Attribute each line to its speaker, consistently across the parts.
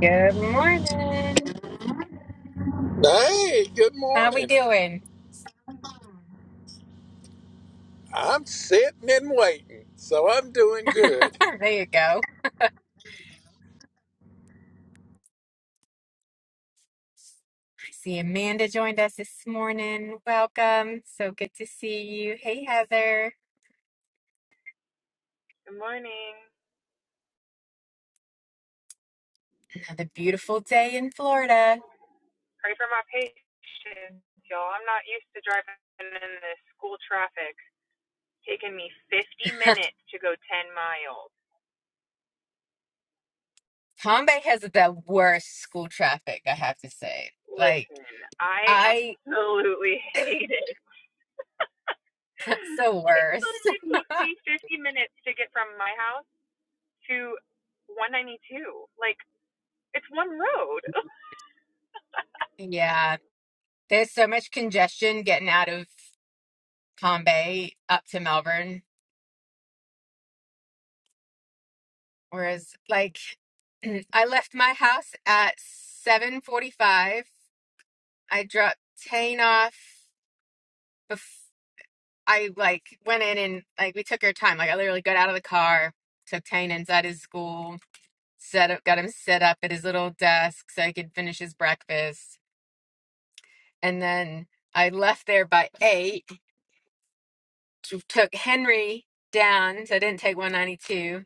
Speaker 1: Good morning.
Speaker 2: Hey, good
Speaker 1: How we
Speaker 2: morning.
Speaker 1: doing?
Speaker 2: I'm sitting and waiting, so I'm doing good.
Speaker 1: There you go. I see Amanda joined us this morning. Welcome. So good to see you. Hey, Heather.
Speaker 3: Good morning.
Speaker 1: Another beautiful day in Florida.
Speaker 3: Pray for my patience, y'all. I'm not used to driving in this school traffic. Taking me 50 minutes to go 10 miles.
Speaker 1: Palm Bay has the worst school traffic, I have to say. Like,
Speaker 3: Listen, I
Speaker 1: I,
Speaker 3: absolutely hate it.
Speaker 1: it's the
Speaker 3: it
Speaker 1: worst.
Speaker 3: literally took me 50 minutes to get from my house to 192. Like, it's one road.
Speaker 1: Yeah, there's so much congestion getting out of Palm Bay up to Melbourne. Whereas, like, I left my house at 7:45 I dropped Tane off. Bef- I like went in and like we took our time. Like I literally got out of the car, took Tane inside his school, set up, got him set up at his little desk so he could finish his breakfast, and then I left there by eight. t- Took Henry down, so I didn't take 192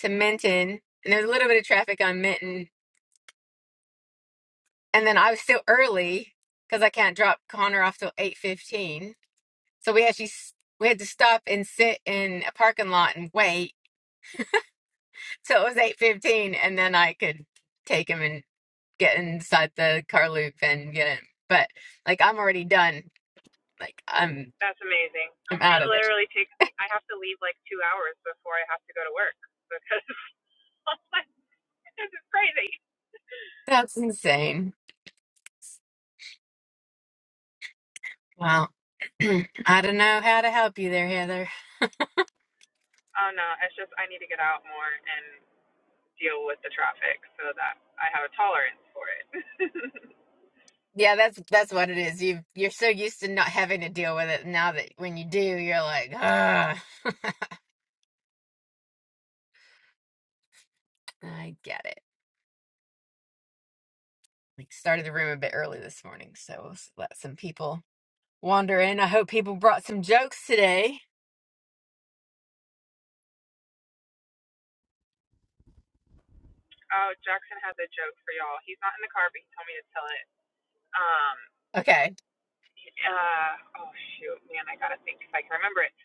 Speaker 1: to Minton, and there was a little bit of traffic on Minton, and then I was still early because I can't drop Connor off till 8:15 So we actually s- we had to stop and sit in a parking lot and wait till it was eight fifteen, and then I could take him and get inside the car loop and get him. But like I'm already done. Like I'm
Speaker 3: That's amazing.
Speaker 1: I'm out
Speaker 3: It
Speaker 1: of it.
Speaker 3: literally takes me, I have to leave like two hours before I have to go to work because this is crazy.
Speaker 1: That's insane. Wow. I don't know how to help you there, Heather.
Speaker 3: Oh no, it's just I need to get out more and deal with the traffic so that I have a tolerance for it.
Speaker 1: Yeah, that's that's what it is. You you're so used to not having to deal with it now that when you do, you're like, ah, I get it. Like started the room a bit early this morning, so s- let some people wander in. I hope people brought some jokes today.
Speaker 3: oh, Jackson has a joke for y'all. He's not in the car, but he told me to tell it. Um,
Speaker 1: Okay.
Speaker 3: uh, oh shoot, man, I gotta think if I can remember it.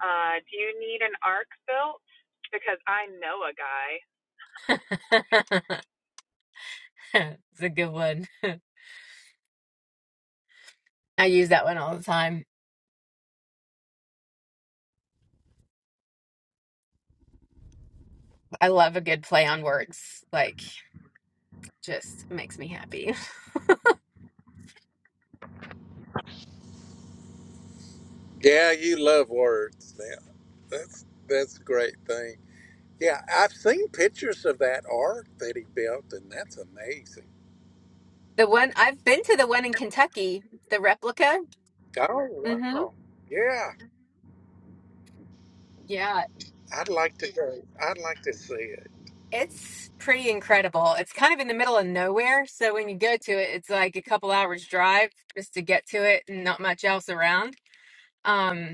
Speaker 3: Uh, do you need an ark built? Because I know a guy.
Speaker 1: It's a good one. I use that one all the time. I love a good play on words. Like, just makes me happy.
Speaker 2: Yeah, you love words now. That's that's a great thing. Yeah, I've seen pictures of that ark that he built, and that's amazing.
Speaker 1: The one I've been to the one in Kentucky, the replica.
Speaker 2: Oh
Speaker 1: Mm-hmm.
Speaker 2: wow! Yeah,
Speaker 1: Yeah.
Speaker 2: I'd like to go. I'd like to see it.
Speaker 1: It's pretty incredible. It's kind of in the middle of nowhere. So when you go to it, it's like a couple hours drive just to get to it and not much else around. Um,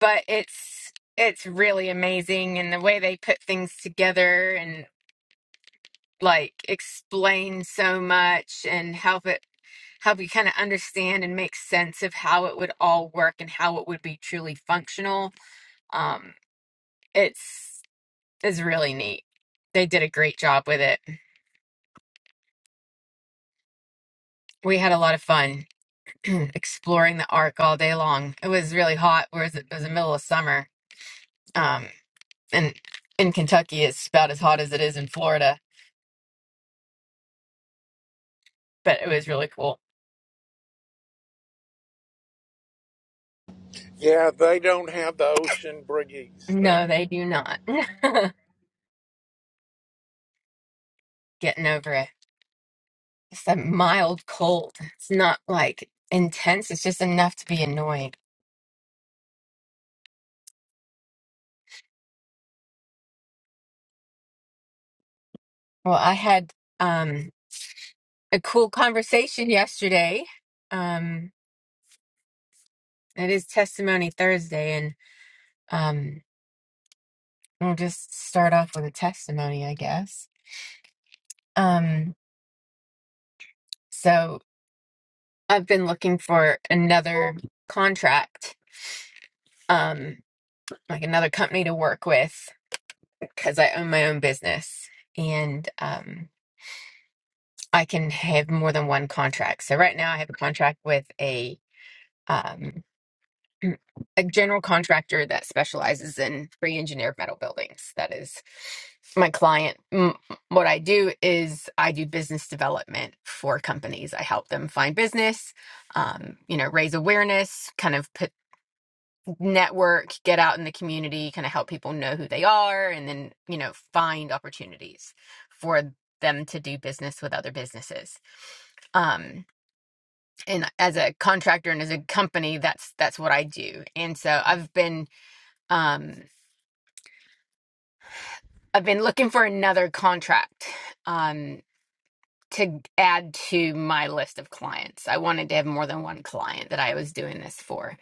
Speaker 1: but it's it's really amazing and the way they put things together and like explain so much and help it help you kind of understand and make sense of how it would all work and how it would be truly functional um it's is really neat they did a great job with it we had a lot of fun exploring the arc all day long it was really hot whereas it was the middle of summer um and in kentucky it's about as hot as it is in florida but it was really cool
Speaker 2: Yeah, they don't have the ocean breeze though.
Speaker 1: No, they do not. Getting over it. It's a mild cold. It's not like intense. It's just enough to be annoyed. Well, I had um a cool conversation yesterday. Um it is testimony Thursday and um we'll just start off with a testimony, I guess. Um so I've been looking for another contract, um like another company to work with because I own my own business and um I can have more than one contract. So right now I have a contract with a um a general contractor that specializes in pre-engineered metal buildings. That is my client. M- What I do is I do business development for companies. I help them find business, um, you know, raise awareness, kind of put network, get out in the community, kind of help people know who they are, and then, you know, find opportunities for them to do business with other businesses. Um, and as a contractor and as a company, that's that's what I do. And so I've been um, I've been looking for another contract um, to add to my list of clients. I wanted to have more than one client that I was doing this for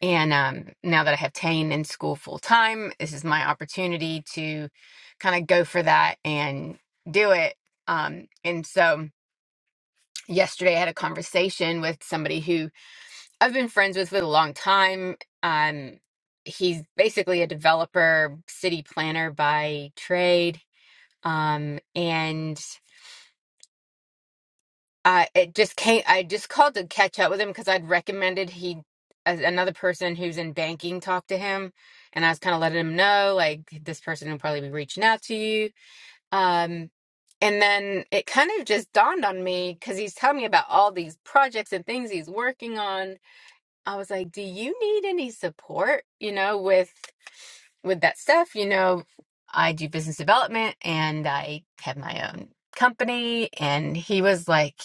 Speaker 1: And um, now that I have Tane in school full time, this is my opportunity to kind of go for that and do it. Um, and so yesterday I had a conversation with somebody who I've been friends with for a long time. Um, he's basically a developer, city planner by trade. Um, and uh, it just came. I just called to catch up with him because I'd recommended he a- another person who's in banking talk to him, and I was kind of letting him know like this person will probably be reaching out to you. Um, and then it kind of just dawned on me because he's telling me about all these projects and things he's working on. I was like, "Do you need any support? You know, with with that stuff? You know, I do business development and I have my own company." And he was like.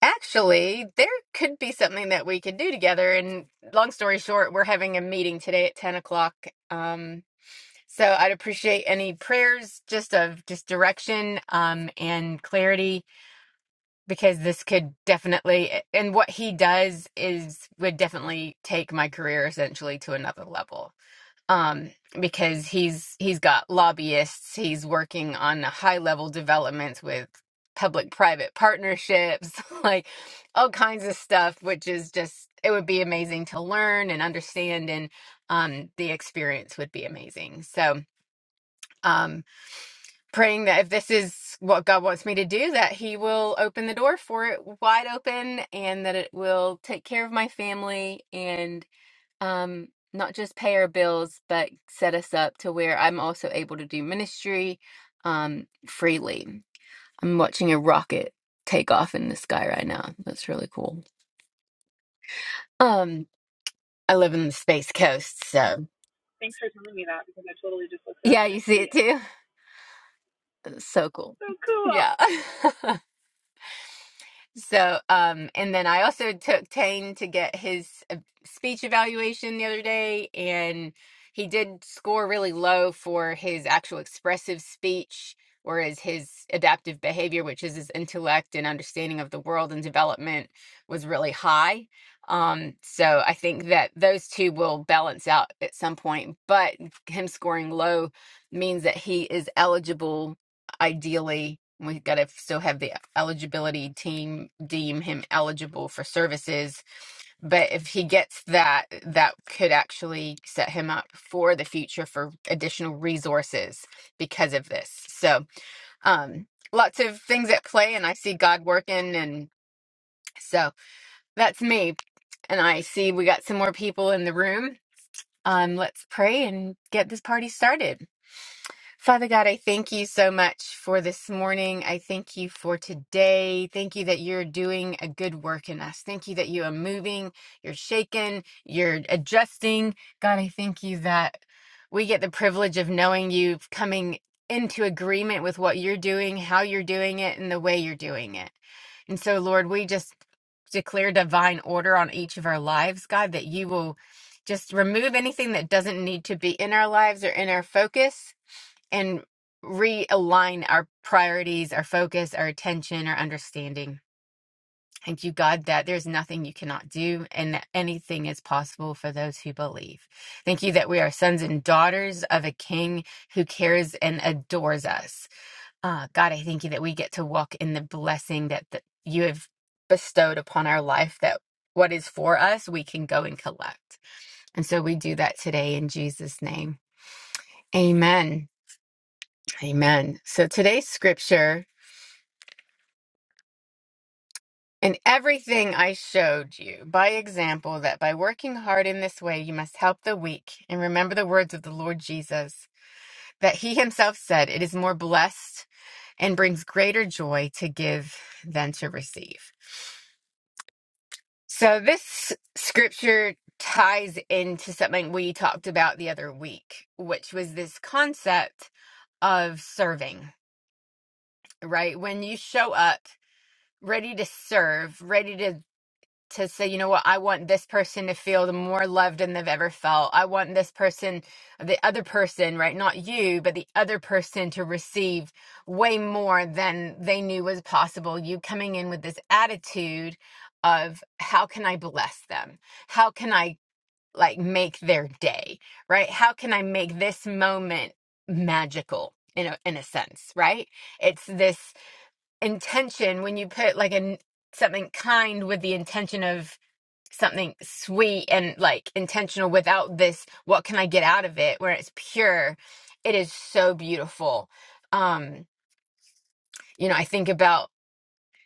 Speaker 1: Actually, there could be something that we could do together. And long story short, we're having a meeting today at 10 o'clock. Um, so I'd appreciate any prayers just of just direction um, and clarity because this could definitely, and what he does is would definitely take my career essentially to another level um, because he's he's got lobbyists. He's working on high level developments with public private partnerships, like all kinds of stuff, which is just it would be amazing to learn and understand, and um, the experience would be amazing. So. Um, praying that if this is what God wants me to do, that He will open the door for it wide open and that it will take care of my family and um not just pay our bills but set us up to where i'm also able to do ministry um freely i'm watching a rocket take off in the sky right now that's really cool um i live in the space coast so
Speaker 3: Thanks for telling me that because I totally just looked up
Speaker 1: yeah
Speaker 3: and
Speaker 1: you
Speaker 3: I
Speaker 1: see
Speaker 3: see
Speaker 1: it
Speaker 3: it.
Speaker 1: too so cool
Speaker 3: So cool.
Speaker 1: yeah So, um, and then I also took Tane to get his uh, speech evaluation the other day, and he did score really low for his actual expressive speech, whereas his adaptive behavior, which is his intellect and understanding of the world and development, was really high. Um, so I think that those two will balance out at some point, but him scoring low means that he is eligible ideally we got to still have the eligibility team deem him eligible for services but if he gets that that could actually set him up for the future for additional resources because of this so um lots of things at play and i see god working and so that's me and i see we got some more people in the room um let's pray and get this party started Father God, I thank you so much for this morning. I thank you for today. Thank you that you're doing a good work in us. Thank you that you are moving, you're shaking, you're adjusting. God, I thank you that we get the privilege of knowing you, of coming into agreement with what you're doing, how you're doing it, and the way you're doing it. And so, Lord, we just declare divine order on each of our lives, God, that you will just remove anything that doesn't need to be in our lives or in our focus and realign our priorities, our focus, our attention, our understanding. Thank you, God, that there's nothing you cannot do and that anything is possible for those who believe. Thank you that we are sons and daughters of a king who cares and adores us. Uh, God, I thank you that we get to walk in the blessing that, that you have bestowed upon our life, that what is for us, we can go and collect. And so we do that today in Jesus' name. Amen. Amen. So today's scripture In everything I showed you, by example, that by working hard in this way you must help the weak, and remember the words of the Lord Jesus, that he himself said, It is more blessed and brings greater joy to give than to receive. So, this scripture ties into something we talked about the other week, which was this concept of serving, right? When you show up ready to serve, ready to to say, you know what, I want this person to feel the more loved than they've ever felt. I want this person, the other person, right? Not you, but the other person to receive way more than they knew was possible. You coming in with this attitude of how can I bless them? How can I like make their day, right? How can I make this moment magical? In a, in a sense, right? It's this intention when you put like an something kind with the intention of something sweet and like intentional without this what can i get out of it where it's pure it is so beautiful um you know i think about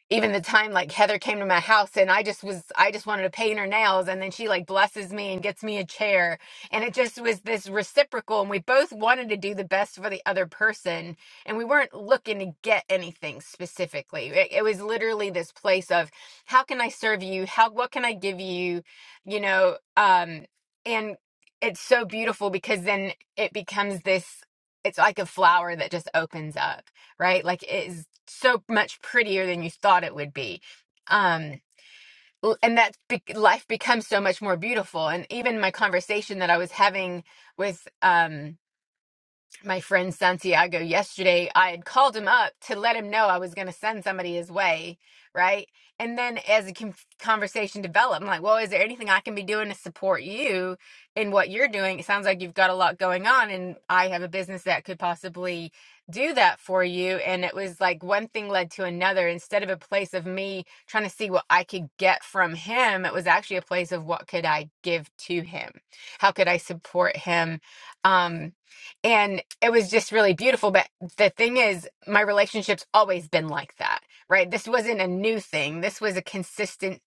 Speaker 1: even the time like Heather came to my house and I just was I just wanted to paint her nails and then she like blesses me and gets me a chair and it just was this reciprocal and we both wanted to do the best for the other person and we weren't looking to get anything specifically it, it was literally this place of how can I serve you how what can I give you you know um and it's so beautiful because then it becomes this it's like a flower that just opens up right? Like it is so much prettier than you thought it would be. Um, l- and that be- life becomes so much more beautiful. And even my conversation that I was having with um my friend Santiago yesterday. I had called him up to let him know I was going to send somebody his way, right? And then as the con- conversation developed, I'm like, well, is there anything I can be doing to support you in what you're doing? It sounds like you've got a lot going on, and I have a business that could possibly do that for you. And it was like one thing led to another. Instead of a place of me trying to see what I could get from him, it was actually a place of what could I give to him? How could I support him? Um, and it was just really beautiful but the thing is my relationship's always been like that right this wasn't a new thing this was a consistent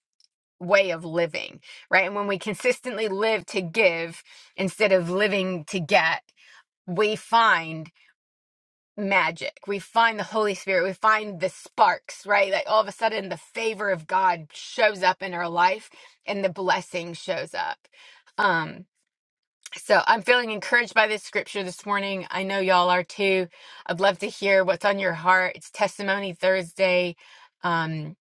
Speaker 1: way of living right and when we consistently live to give instead of living to get we find magic we find the holy spirit we find the sparks right like all of a sudden the favor of god shows up in our life and the blessing shows up Um, so I'm feeling encouraged by this scripture this morning. I know y'all are too. I'd love to hear what's on your heart. It's Testimony Thursday. Um,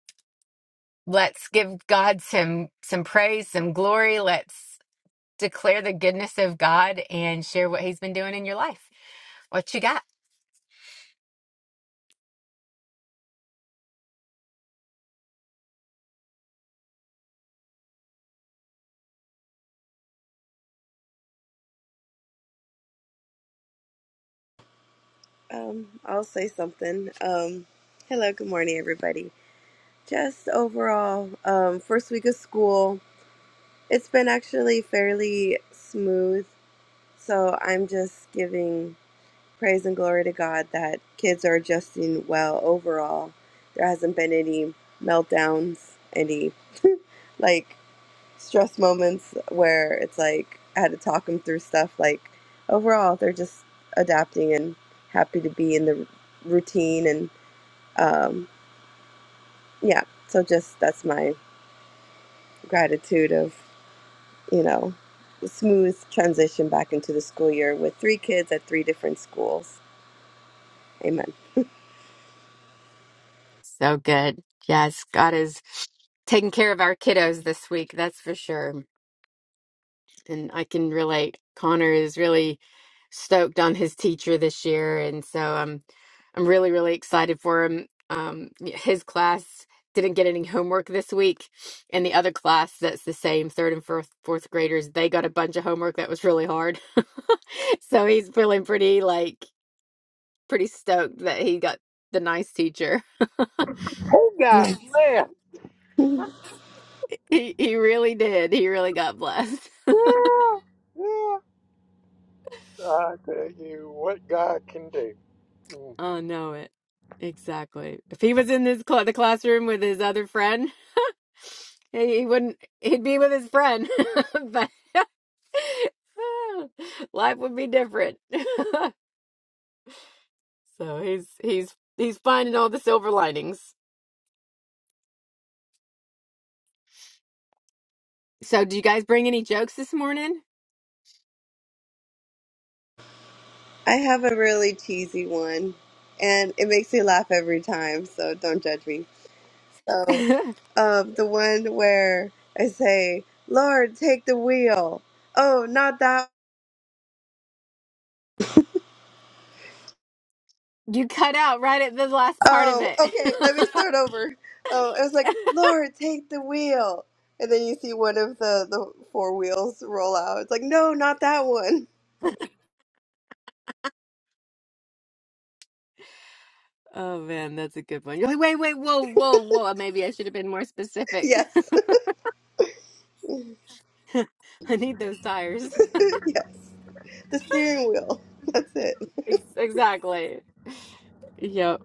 Speaker 1: let's give God some some praise, some glory. Let's declare the goodness of God and share what He's been doing in your life. What you got?
Speaker 4: Um, I'll say something. Um, hello, good morning, everybody. Just overall, um, first week of school, it's been actually fairly smooth. So I'm just giving praise and glory to God that kids are adjusting well overall. There hasn't been any meltdowns, any like stress moments where it's like I had to talk them through stuff. Like overall, they're just adapting and happy to be in the routine and um, yeah so just that's my gratitude of you know the smooth transition back into the school year with three kids at three different schools amen
Speaker 1: So good. Yes, God is taking care of our kiddos this week, that's for sure. and I can relate. Connor is really stoked on his teacher this year, and so I'm I'm really really excited for him. Um, his class didn't get any homework this week, and the other class that's the same third and fourth fourth graders they got a bunch of homework that was really hard. so he's feeling pretty like pretty stoked that he got the nice teacher.
Speaker 2: Oh God
Speaker 4: Amen.
Speaker 2: bless.
Speaker 1: He he really did. He really got blessed.
Speaker 2: Yeah, yeah. I tell you what God can do.
Speaker 1: Oh, no, it exactly. If he was in this cl the classroom with his other friend, he he wouldn't. He'd be with his friend, but life would be different. So he's he's he's finding all the silver linings. So, do you guys bring any jokes this morning?
Speaker 4: i have a really cheesy one and it makes me laugh every time so don't judge me so um, the one where i say lord take the wheel oh not that
Speaker 1: You cut out right at the last part of
Speaker 4: Oh,
Speaker 1: it.
Speaker 4: okay. Let me start over. Oh, it was like, Lord, take the wheel. And then you see one of the, the four wheels roll out. It's like, no, not that one.
Speaker 1: Oh man, that's a good one. You're like, wait, wait, whoa, whoa, whoa. Maybe I should have been more specific.
Speaker 4: Yes,
Speaker 1: I need those tires.
Speaker 4: yes. The steering wheel. That's it.
Speaker 1: Ex- exactly. Yep.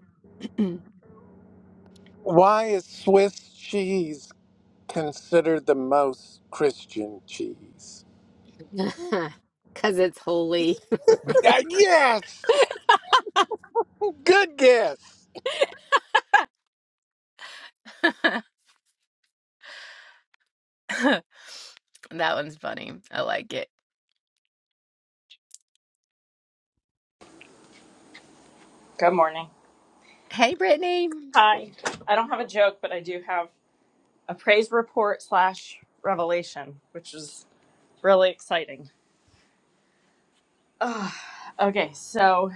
Speaker 2: Why is Swiss cheese considered the most Christian cheese?
Speaker 1: Because it's holy.
Speaker 2: Uh, yes, good guess.
Speaker 1: that one's funny. I like it.
Speaker 5: Good morning.
Speaker 1: Hey, Brittany.
Speaker 5: Hi. I don't have a joke, but I do have a praise report slash revelation, which is really exciting. Okay, so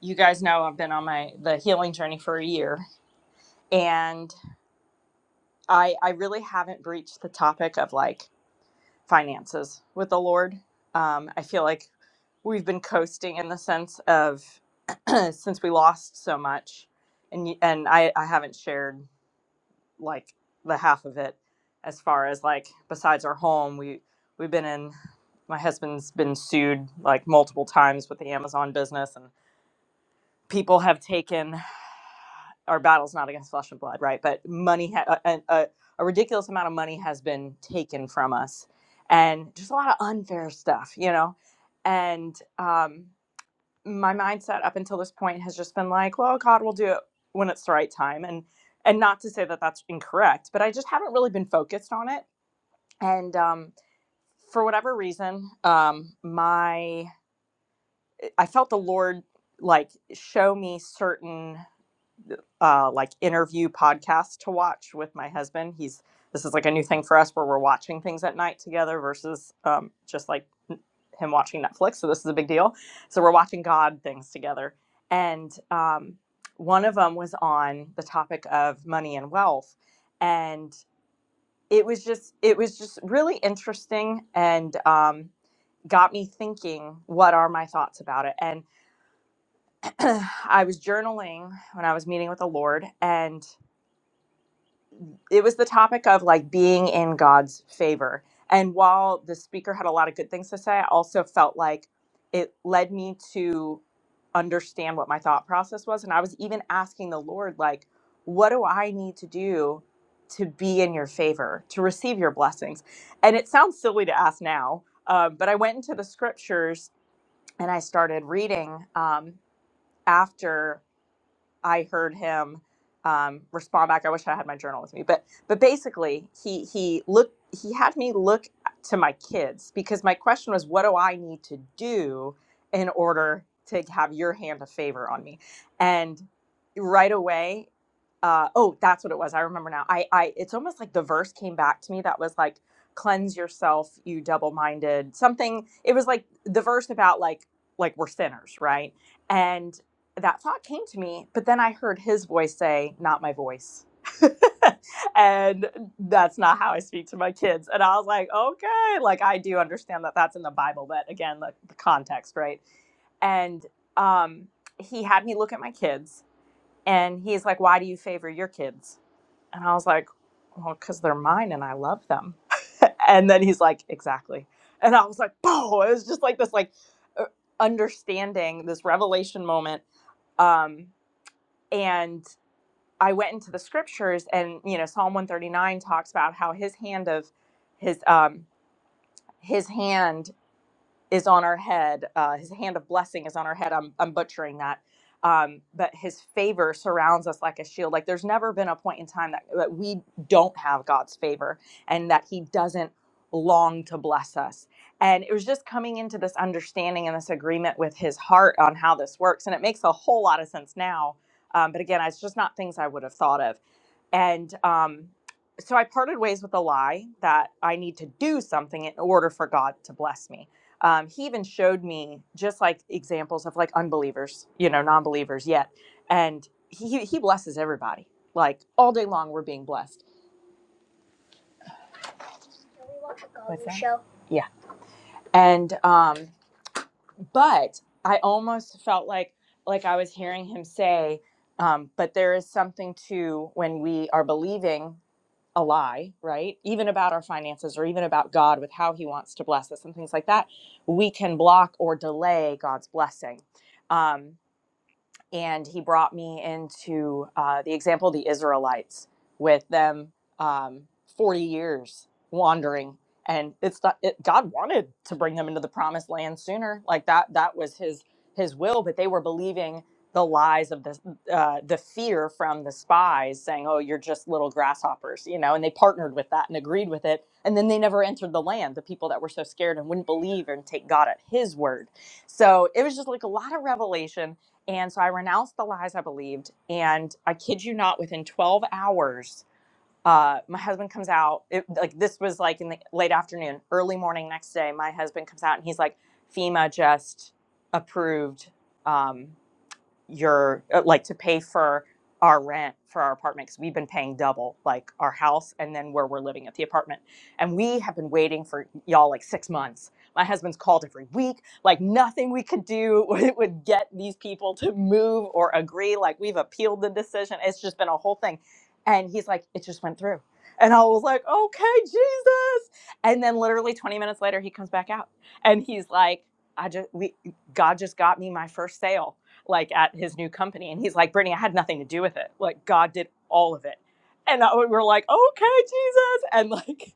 Speaker 5: you guys know I've been on my the healing journey for a year, and I I really haven't breached the topic of like finances with the Lord. Um, I feel like we've been coasting in the sense of since we lost so much, and y- and I I haven't shared. like the half of it as far as like besides our home we we've been in my husband's been sued like multiple times with the amazon business and people have taken our battle's not against flesh and blood right but money ha- a, a, a ridiculous amount of money has been taken from us and just a lot of unfair stuff you know and um, my mindset up until this point has just been like, well, God will do it when it's the right time, and and not to say that that's incorrect, but I just haven't really been focused on it. And um, for whatever reason, um, my I felt the Lord like show me certain uh, like interview podcasts to watch with my husband. He's this is like a new thing for us where we're watching things at night together versus um, just like him watching Netflix. So this is a big deal. So we're watching God things together, and um, one of them was on the topic of money and wealth, and it was just it was just really interesting and. Um, got me thinking what are my thoughts about it and i was journaling when i was meeting with the lord and it was the topic of like being in God's favor. And while the speaker had a lot of good things to say, I also felt like it led me to understand what my thought process was. And I was even asking the Lord, like, what do I need to do to be in your favor, to receive your blessings? And it sounds silly to ask now, um, but I went into the scriptures and I started reading um, after. I heard him um, respond back. I wish I had my journal with me, but but basically, he he looked he had me look to my kids because my question was, what do I need to do in order to have your hand of favor on me? And right away, uh, oh, that's what it was. I remember now. I I it's almost like the verse came back to me that was like cleanse yourself you double-minded something it was like the verse about like like we're sinners right And that thought came to me, but then I heard his voice say, not my voice. and that's not how I speak to my kids. And I was like, okay, like I do understand that that's in the Bible, but again, the, the context, right? And um, he had me look at my kids and he's like, why do you favor your kids? And I was like, well, because they're mine and I love them. and then he's like, exactly. And I was like, oh, it was just like this, like, uh, understanding this revelation moment um and I went into the scriptures, and you know, Psalm one thirty nine talks about how his hand of his um his hand is on our head. Uh, his hand of blessing is on our head. I'm, I'm butchering that. Um, but his favor surrounds us like a shield. Like there's never been a point in time that, that we don't have God's favor and that he doesn't long to bless us. And it was just coming into this understanding and this agreement with his heart on how this works. And it makes a whole lot of sense now. Um, but again, it's just not things I would have thought of. And um, so I parted ways with the lie that I need to do something in order for God to bless me um, he even showed me just like examples of like unbelievers, you know, non-believers yet. And he he blesses everybody. Like all day long we're being blessed. Can we watch a What's that? show? Yeah. And um but I almost felt like like I was hearing him say um but there is something to when we are believing a lie, right? Even about our finances or even about God with how he wants to bless us and things like that, we can block or delay God's blessing. Um and he brought me into uh, the example of the Israelites with them um, 40 years wandering. And it's not, it, God wanted to bring them into the promised land sooner. Like that, that was his, his will, but they were believing the lies of the, uh, the fear from the spies saying, oh, you're just little grasshoppers, you know, and they partnered with that and agreed with it. And then they never entered the land, the people that were so scared and wouldn't believe and take God at his word. So it was just like a lot of revelation and so I renounced the lies I believed. And I kid you not, within 12 hours, uh, my husband comes out. It, like this was like in the late afternoon, early morning next day. My husband comes out and he's like, FEMA just approved. Um, your uh, like to pay for our rent for our apartment because we've been paying double like our house and then where we're living at the apartment and we have been waiting for y'all like six months my husband's called every week like nothing we could do would would get these people to move or agree like we've appealed the decision it's just been a whole thing and he's like it just went through and i was like okay jesus and then literally 20 minutes later he comes back out and he's like i just we god just got me my first sale like at his new company. And he's like, Brittany, I had nothing to do with it. Like God did all of it. And we are like, okay, Jesus. And like,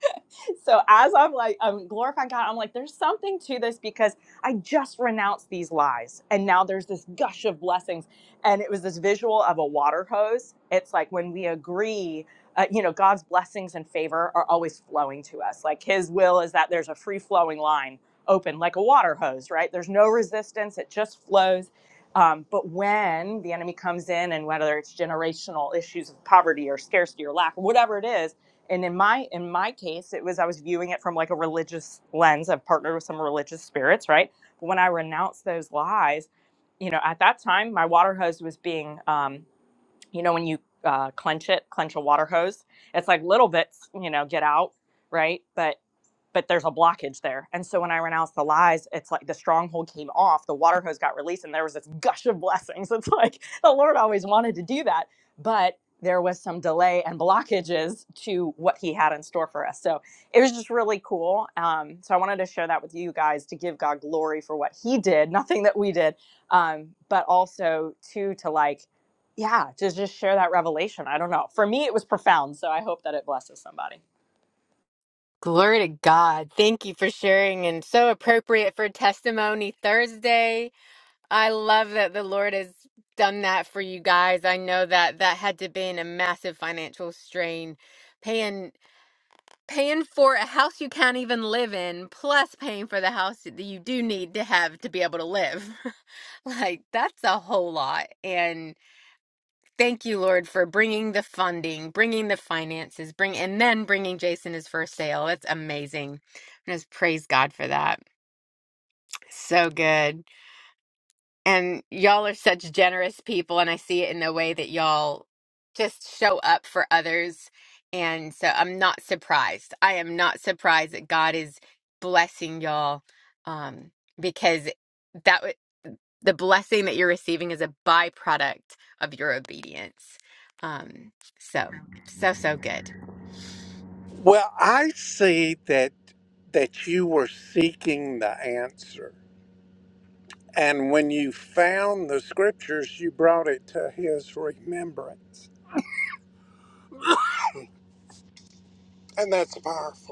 Speaker 5: so as I'm like, I'm glorifying God, I'm like, there's something to this because I just renounced these lies. And now there's this gush of blessings. And it was this visual of a water hose. It's like when we agree, uh, you know, God's blessings and favor are always flowing to us. Like his will is that there's a free flowing line open, like a water hose, right? There's no resistance, it just flows. Um, but when the enemy comes in, and whether it's generational issues of poverty or scarcity or lack, whatever it is, and in my in my case it was i was viewing it from like a religious lens i've partnered with some religious spirits right but when i renounced those lies you know at that time my water hose was being um you know when you uh, clench it clench a water hose it's like little bits you know get out right but but there's a blockage there. And so when I renounced the lies, it's like the stronghold came off, the water hose got released, and there was this gush of blessings. It's like the Lord always wanted to do that, but there was some delay and blockages to what He had in store for us. So it was just really cool. Um, so I wanted to share that with you guys to give God glory for what He did, nothing that we did, um, but also too to like, yeah, to just share that revelation. I don't know. For me, it was profound. So I hope that it blesses somebody.
Speaker 1: Glory to God. Thank you for sharing and so appropriate for Testimony Thursday. I love that the Lord has done that for you guys. I know that that had to been a massive financial strain paying paying for a house you can't even live in plus paying for the house that you do need to have to be able to live like that's a whole lot and thank you lord for bringing the funding bringing the finances bring and then bringing jason his first sale it's amazing And just praise god for that so good and y'all are such generous people, and I see it in the way that y'all just show up for others. And so I'm not surprised. I am not surprised that God is blessing y'all um, because that would the blessing that you're receiving is a byproduct of your obedience. Um, so, so, so good.
Speaker 2: Well, I see that that you were seeking the answer, and when you found the scriptures, you brought it to his remembrance, and that's powerful.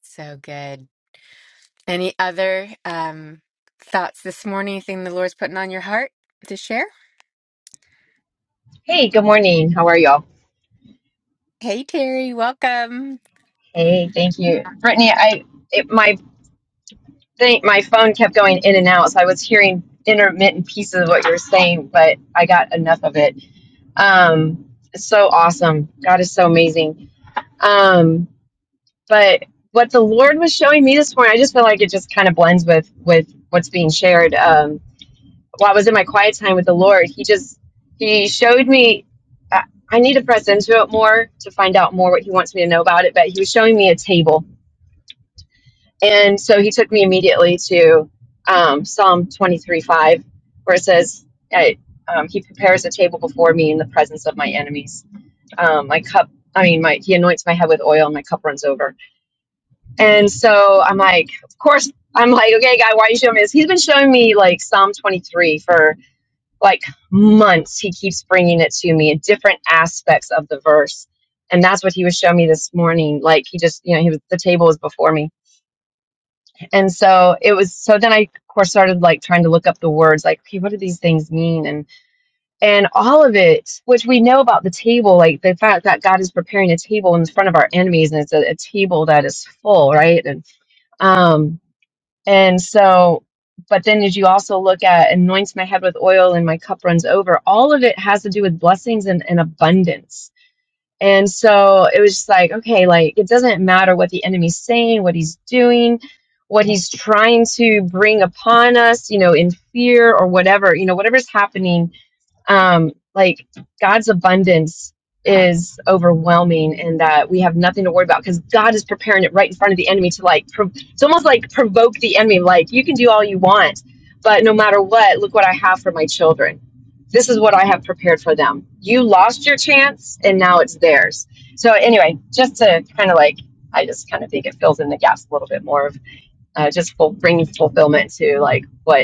Speaker 1: So good. Any other um, thoughts this morning? Anything the Lord's putting on your heart to share?
Speaker 6: Hey, good morning. How are y'all?
Speaker 1: Hey, Terry, welcome.
Speaker 6: Hey, thank you, Brittany. I it, my thing, my phone kept going in and out, so I was hearing intermittent pieces of what you were saying, but I got enough of it. Um, it's so awesome. God is so amazing. Um, but what the Lord was showing me this morning, I just feel like it just kind of blends with with what's being shared. Um, while I was in my quiet time with the Lord, He just He showed me. I I need to press into it more to find out more what he wants me to know about it. But he was showing me a table And so he took me immediately to um, Psalm 23 5, where it says, I, um, He prepares a table before me in the presence of my enemies. Um, my cup, I mean, my, He anoints my head with oil and my cup runs over. And so I'm like, Of course, I'm like, Okay, God, why are you showing me this? He's been showing me like Psalm 23 for like months. He keeps bringing it to me in different aspects of the verse. And that's what he was showing me this morning. Like he just, you know, he was, the table was before me and so it was so then I of course started like trying to look up the words like okay what do these things mean and and all of it which we know about the table like the fact that God is preparing a table in front of our enemies and it's a, a table that is full right and um and so but then as you also look at anoints my head with oil and my cup runs over all of it has to do with blessings and, and abundance and so it was just like, okay, like it doesn't matter what the enemy's saying, what he's doing, what he's trying to bring upon us, you know, in fear or whatever, you know, whatever's happening um, like God's abundance is overwhelming and that we have nothing to worry about because God is preparing it right in front of the enemy to like, pro- it's almost like provoke the enemy. Like, you can do all you want, but no matter what, look what I have for my children. This is what I have prepared for them. You lost your chance and now it's theirs. So, anyway, just to kind of like, I just kind of think it fills in the gaps a little bit more of uh, just full, bringing fulfillment to like what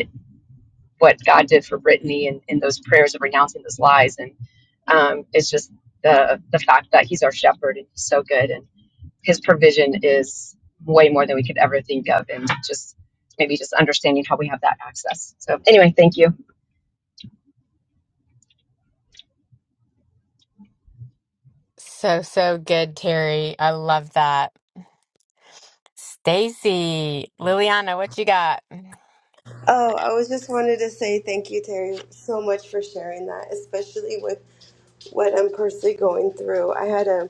Speaker 6: what God did for Brittany and, in those prayers of renouncing those lies. And um, it's just the the fact that He's our shepherd and He's so good, and His provision is way more than we could ever think of, and just maybe just understanding how we have that access. So anyway, thank you.
Speaker 1: So, so good, Terry. I love that. Stacy, Liliana, what you got?
Speaker 4: Oh, I was just wanted to say thank you, Terry, so much for sharing that, especially with what I'm personally going through. I had to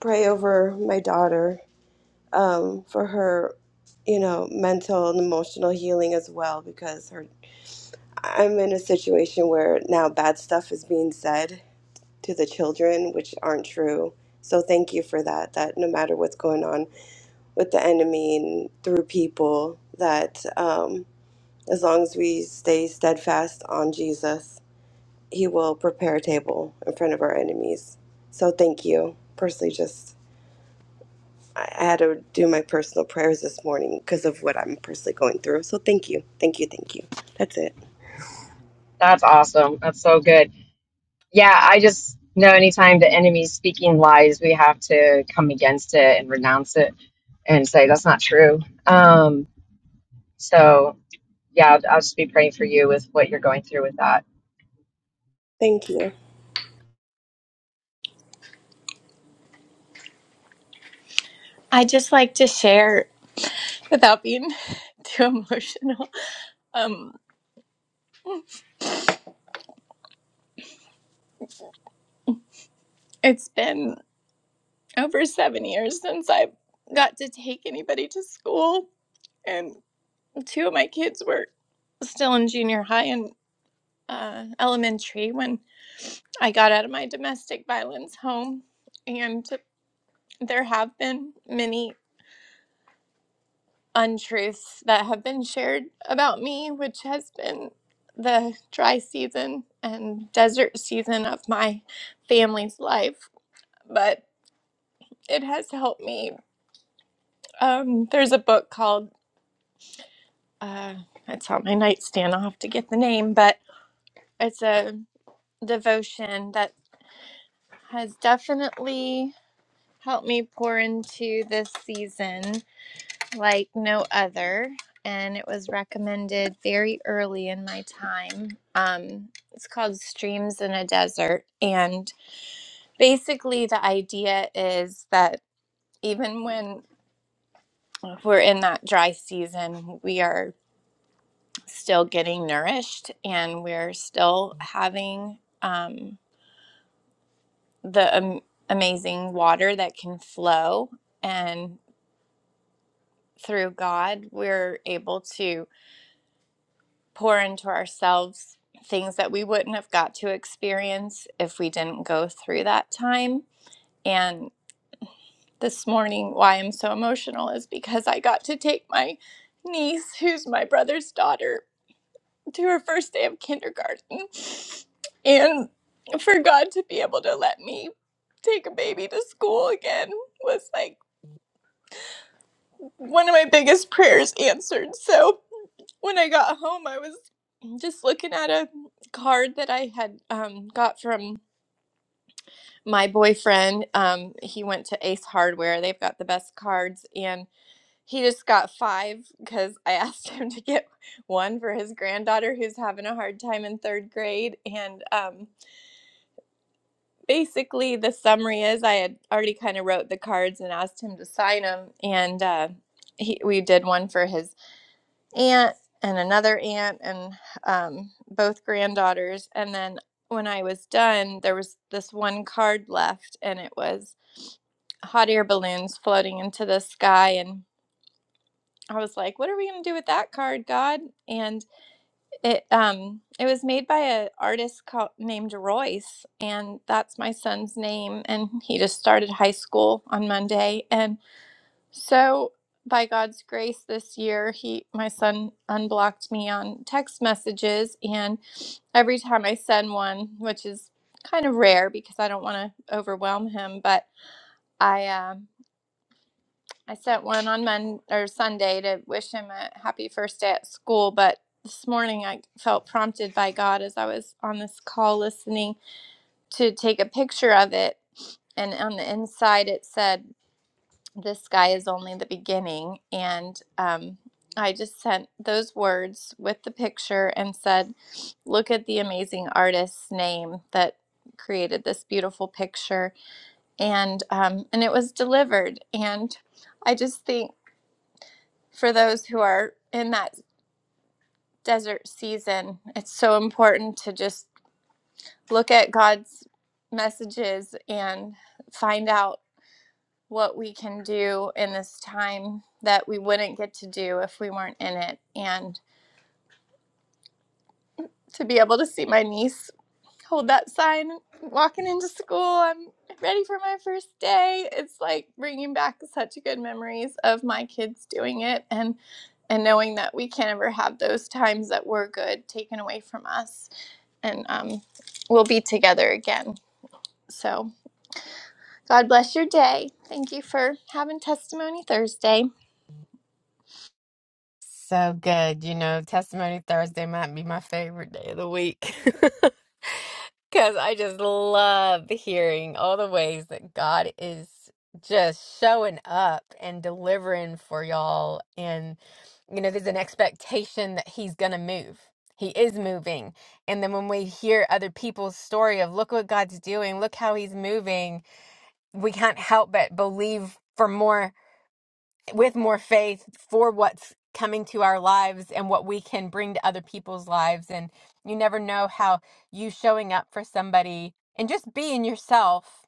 Speaker 4: pray over my daughter um, for her, you know, mental and emotional healing as well because her I'm in a situation where now bad stuff is being said to the children, which aren't true. So thank you for that. That no matter what's going on with the enemy and through people, that um, as long as we stay steadfast on Jesus, He will prepare a table in front of our enemies. So thank you. Personally, just I I had to do my personal prayers this morning because of what I'm personally going through. So thank you, thank you, thank you. That's it.
Speaker 6: That's awesome. That's so good. Yeah, I just know anytime the enemy's speaking lies, we have to come against it and renounce it and say that's not true. Um, so yeah, I'll, I'll just be praying for you with what you're going through with that
Speaker 4: Thank you.
Speaker 7: I just like to share without being too emotional. Um, it's been over seven years since I got to take anybody to school, and two of my kids were still in junior high and uh, elementary when I got out of my domestic violence home. And there have been many untruths that have been shared about me, which has been the dry season and desert season of my family's life. But it has helped me. Um, there's a book called, uh, it's on my nightstand. I'll have to get the name, but it's a devotion that has definitely helped me pour into this season like no other, and it was recommended very early in my time. Um, it's called Streams in a Desert, and basically the idea is that even when we're in that dry season, we are still getting nourished, and we're still having um, the am- amazing water that can flow and through God, we're able to pour into ourselves things that we wouldn't have got to experience if we didn't go through that time. And this morning, why I'm so emotional is because I got to take my niece, who's my brother's daughter, to her first day of kindergarten. And for God to be able to let me take a baby to school again was like one of my biggest prayers answered. So, when I got home, I was just looking at a card that I had um, got from my boyfriend. Um, he went to Ace Hardware, they've got the best cards, and he just got five because I asked him to get one for his granddaughter who's having a hard time in third grade. And um, basically, the summary is I had already kind of wrote the cards and asked him to sign them, and uh, he, we did one for his aunt and another aunt and um, both granddaughters. And then when I was done, there was this one card left, and it was hot air balloons floating into the sky. And I was like, "What are we gonna do with that card, God?" And it um, it was made by an artist called named Royce, and that's my son's name. And he just started high school on Monday, and so, by God's grace, this year, he, my son, unblocked me on text messages, and every time I send one, which is kind of rare because I don't want to overwhelm him, but I, um, I sent one on Monday or Sunday to wish him a happy first day at school, but this morning I felt prompted by God as I was on this call listening to take a picture of it, and on the inside it said. this guy is only the beginning. And um, I just sent those words with the picture and said, look at the amazing artist's name that created this beautiful picture. And, um, and it was delivered. And I just think for those who are in that desert season, it's so important to just look at God's messages and find out what we can do in this time that we wouldn't get to do if we weren't in it. And to be able to see my niece hold that sign walking into school, I'm ready for my first day. It's like bringing back such good memories of my kids doing it and and knowing that we can't ever have those times that were good taken away from us and um, we'll be together again. So God bless your day. Thank you for having Testimony Thursday.
Speaker 1: So good. You know, Testimony Thursday might be my favorite day of the week because I just love hearing all the ways that God is just showing up and delivering for y'all. And, you know, there's an expectation that He's going to move. He is moving. And then when we hear other people's story of, look what God's doing, look how He's moving we can't help but believe for more with more faith for what's coming to our lives and what we can bring to other people's lives and you never know how you showing up for somebody and just being yourself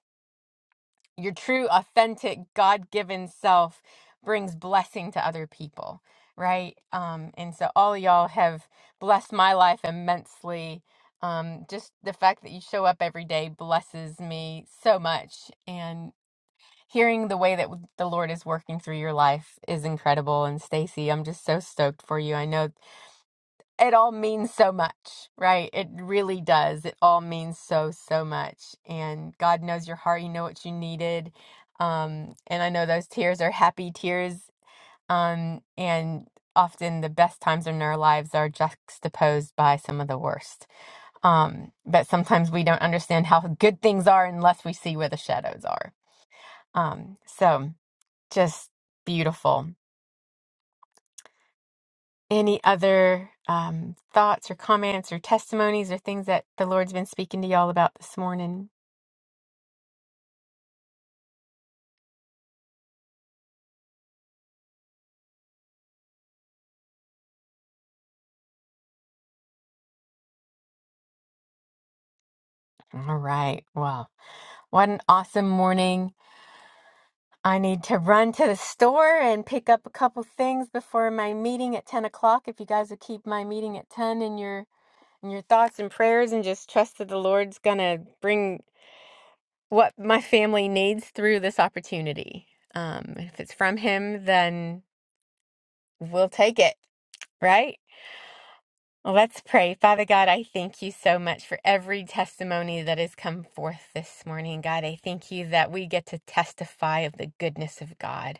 Speaker 1: your true authentic god-given self brings blessing to other people right um and so all y'all have blessed my life immensely um just the fact that you show up every day blesses me so much and hearing the way that the Lord is working through your life is incredible. And Stacy, I'm just so stoked for you. I know it all means so much, right? It really does. It all means so, so much. And God knows your heart. You know what you needed. Um, and I know those tears are happy tears. Um, and often the best times in our lives are juxtaposed by some of the worst. Um, but sometimes we don't understand how good things are unless we see where the shadows are. Um, so just beautiful. Any other um, thoughts or comments or testimonies or things that the Lord's been speaking to y'all about this morning? All right. Well, what an awesome morning. I need to run to the store and pick up a couple things before my meeting at 10 o'clock. If you guys would keep my meeting at 10 in your in your thoughts and prayers and just trust that the Lord's gonna bring what my family needs through this opportunity. Um, if it's from him, then we'll take it, right? Well, let's pray. Father God, I thank you so much for every testimony that has come forth this morning. God, I thank you that we get to testify of the goodness of God.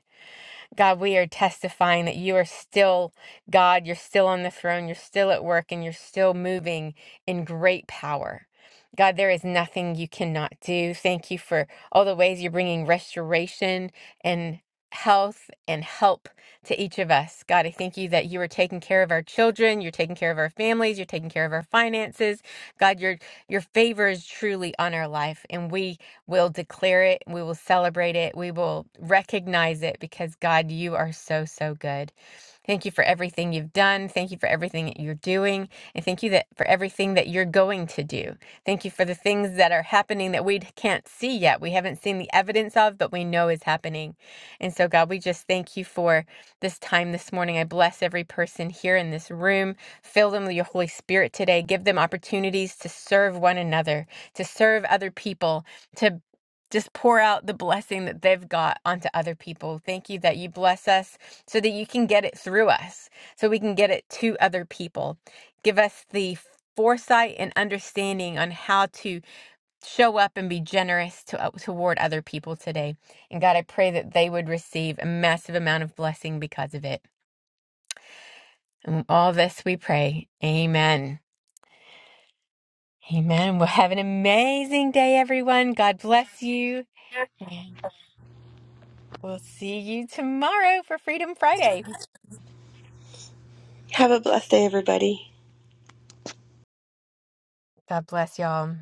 Speaker 1: God, we are testifying that you are still God, you're still on the throne, you're still at work, and you're still moving in great power. God, there is nothing you cannot do. Thank you for all the ways you're bringing restoration and health and help to each of us. God, I thank you that you are taking care of our children, you're taking care of our families, you're taking care of our finances. God, your your favor is truly on our life and we We'll declare it. We will celebrate it. We will recognize it because God, you are so, so good. Thank you for everything you've done. Thank you for everything that you're doing. And thank you that for everything that you're going to do. Thank you for the things that are happening that we can't see yet. We haven't seen the evidence of, but we know is happening. And so, God, we just thank you for this time this morning. I bless every person here in this room. Fill them with your Holy Spirit today. Give them opportunities to serve one another, to serve other people, to just pour out the blessing that they've got onto other people. Thank you that you bless us so that you can get it through us, so we can get it to other people. Give us the foresight and understanding on how to show up and be generous to, uh, toward other people today. And God, I pray that they would receive a massive amount of blessing because of it. And all this we pray. Amen. Amen. We'll have an amazing day, everyone. God bless you. Yeah. We'll see you tomorrow for Freedom Friday.
Speaker 4: Have a blessed day, everybody.
Speaker 1: God bless y'all.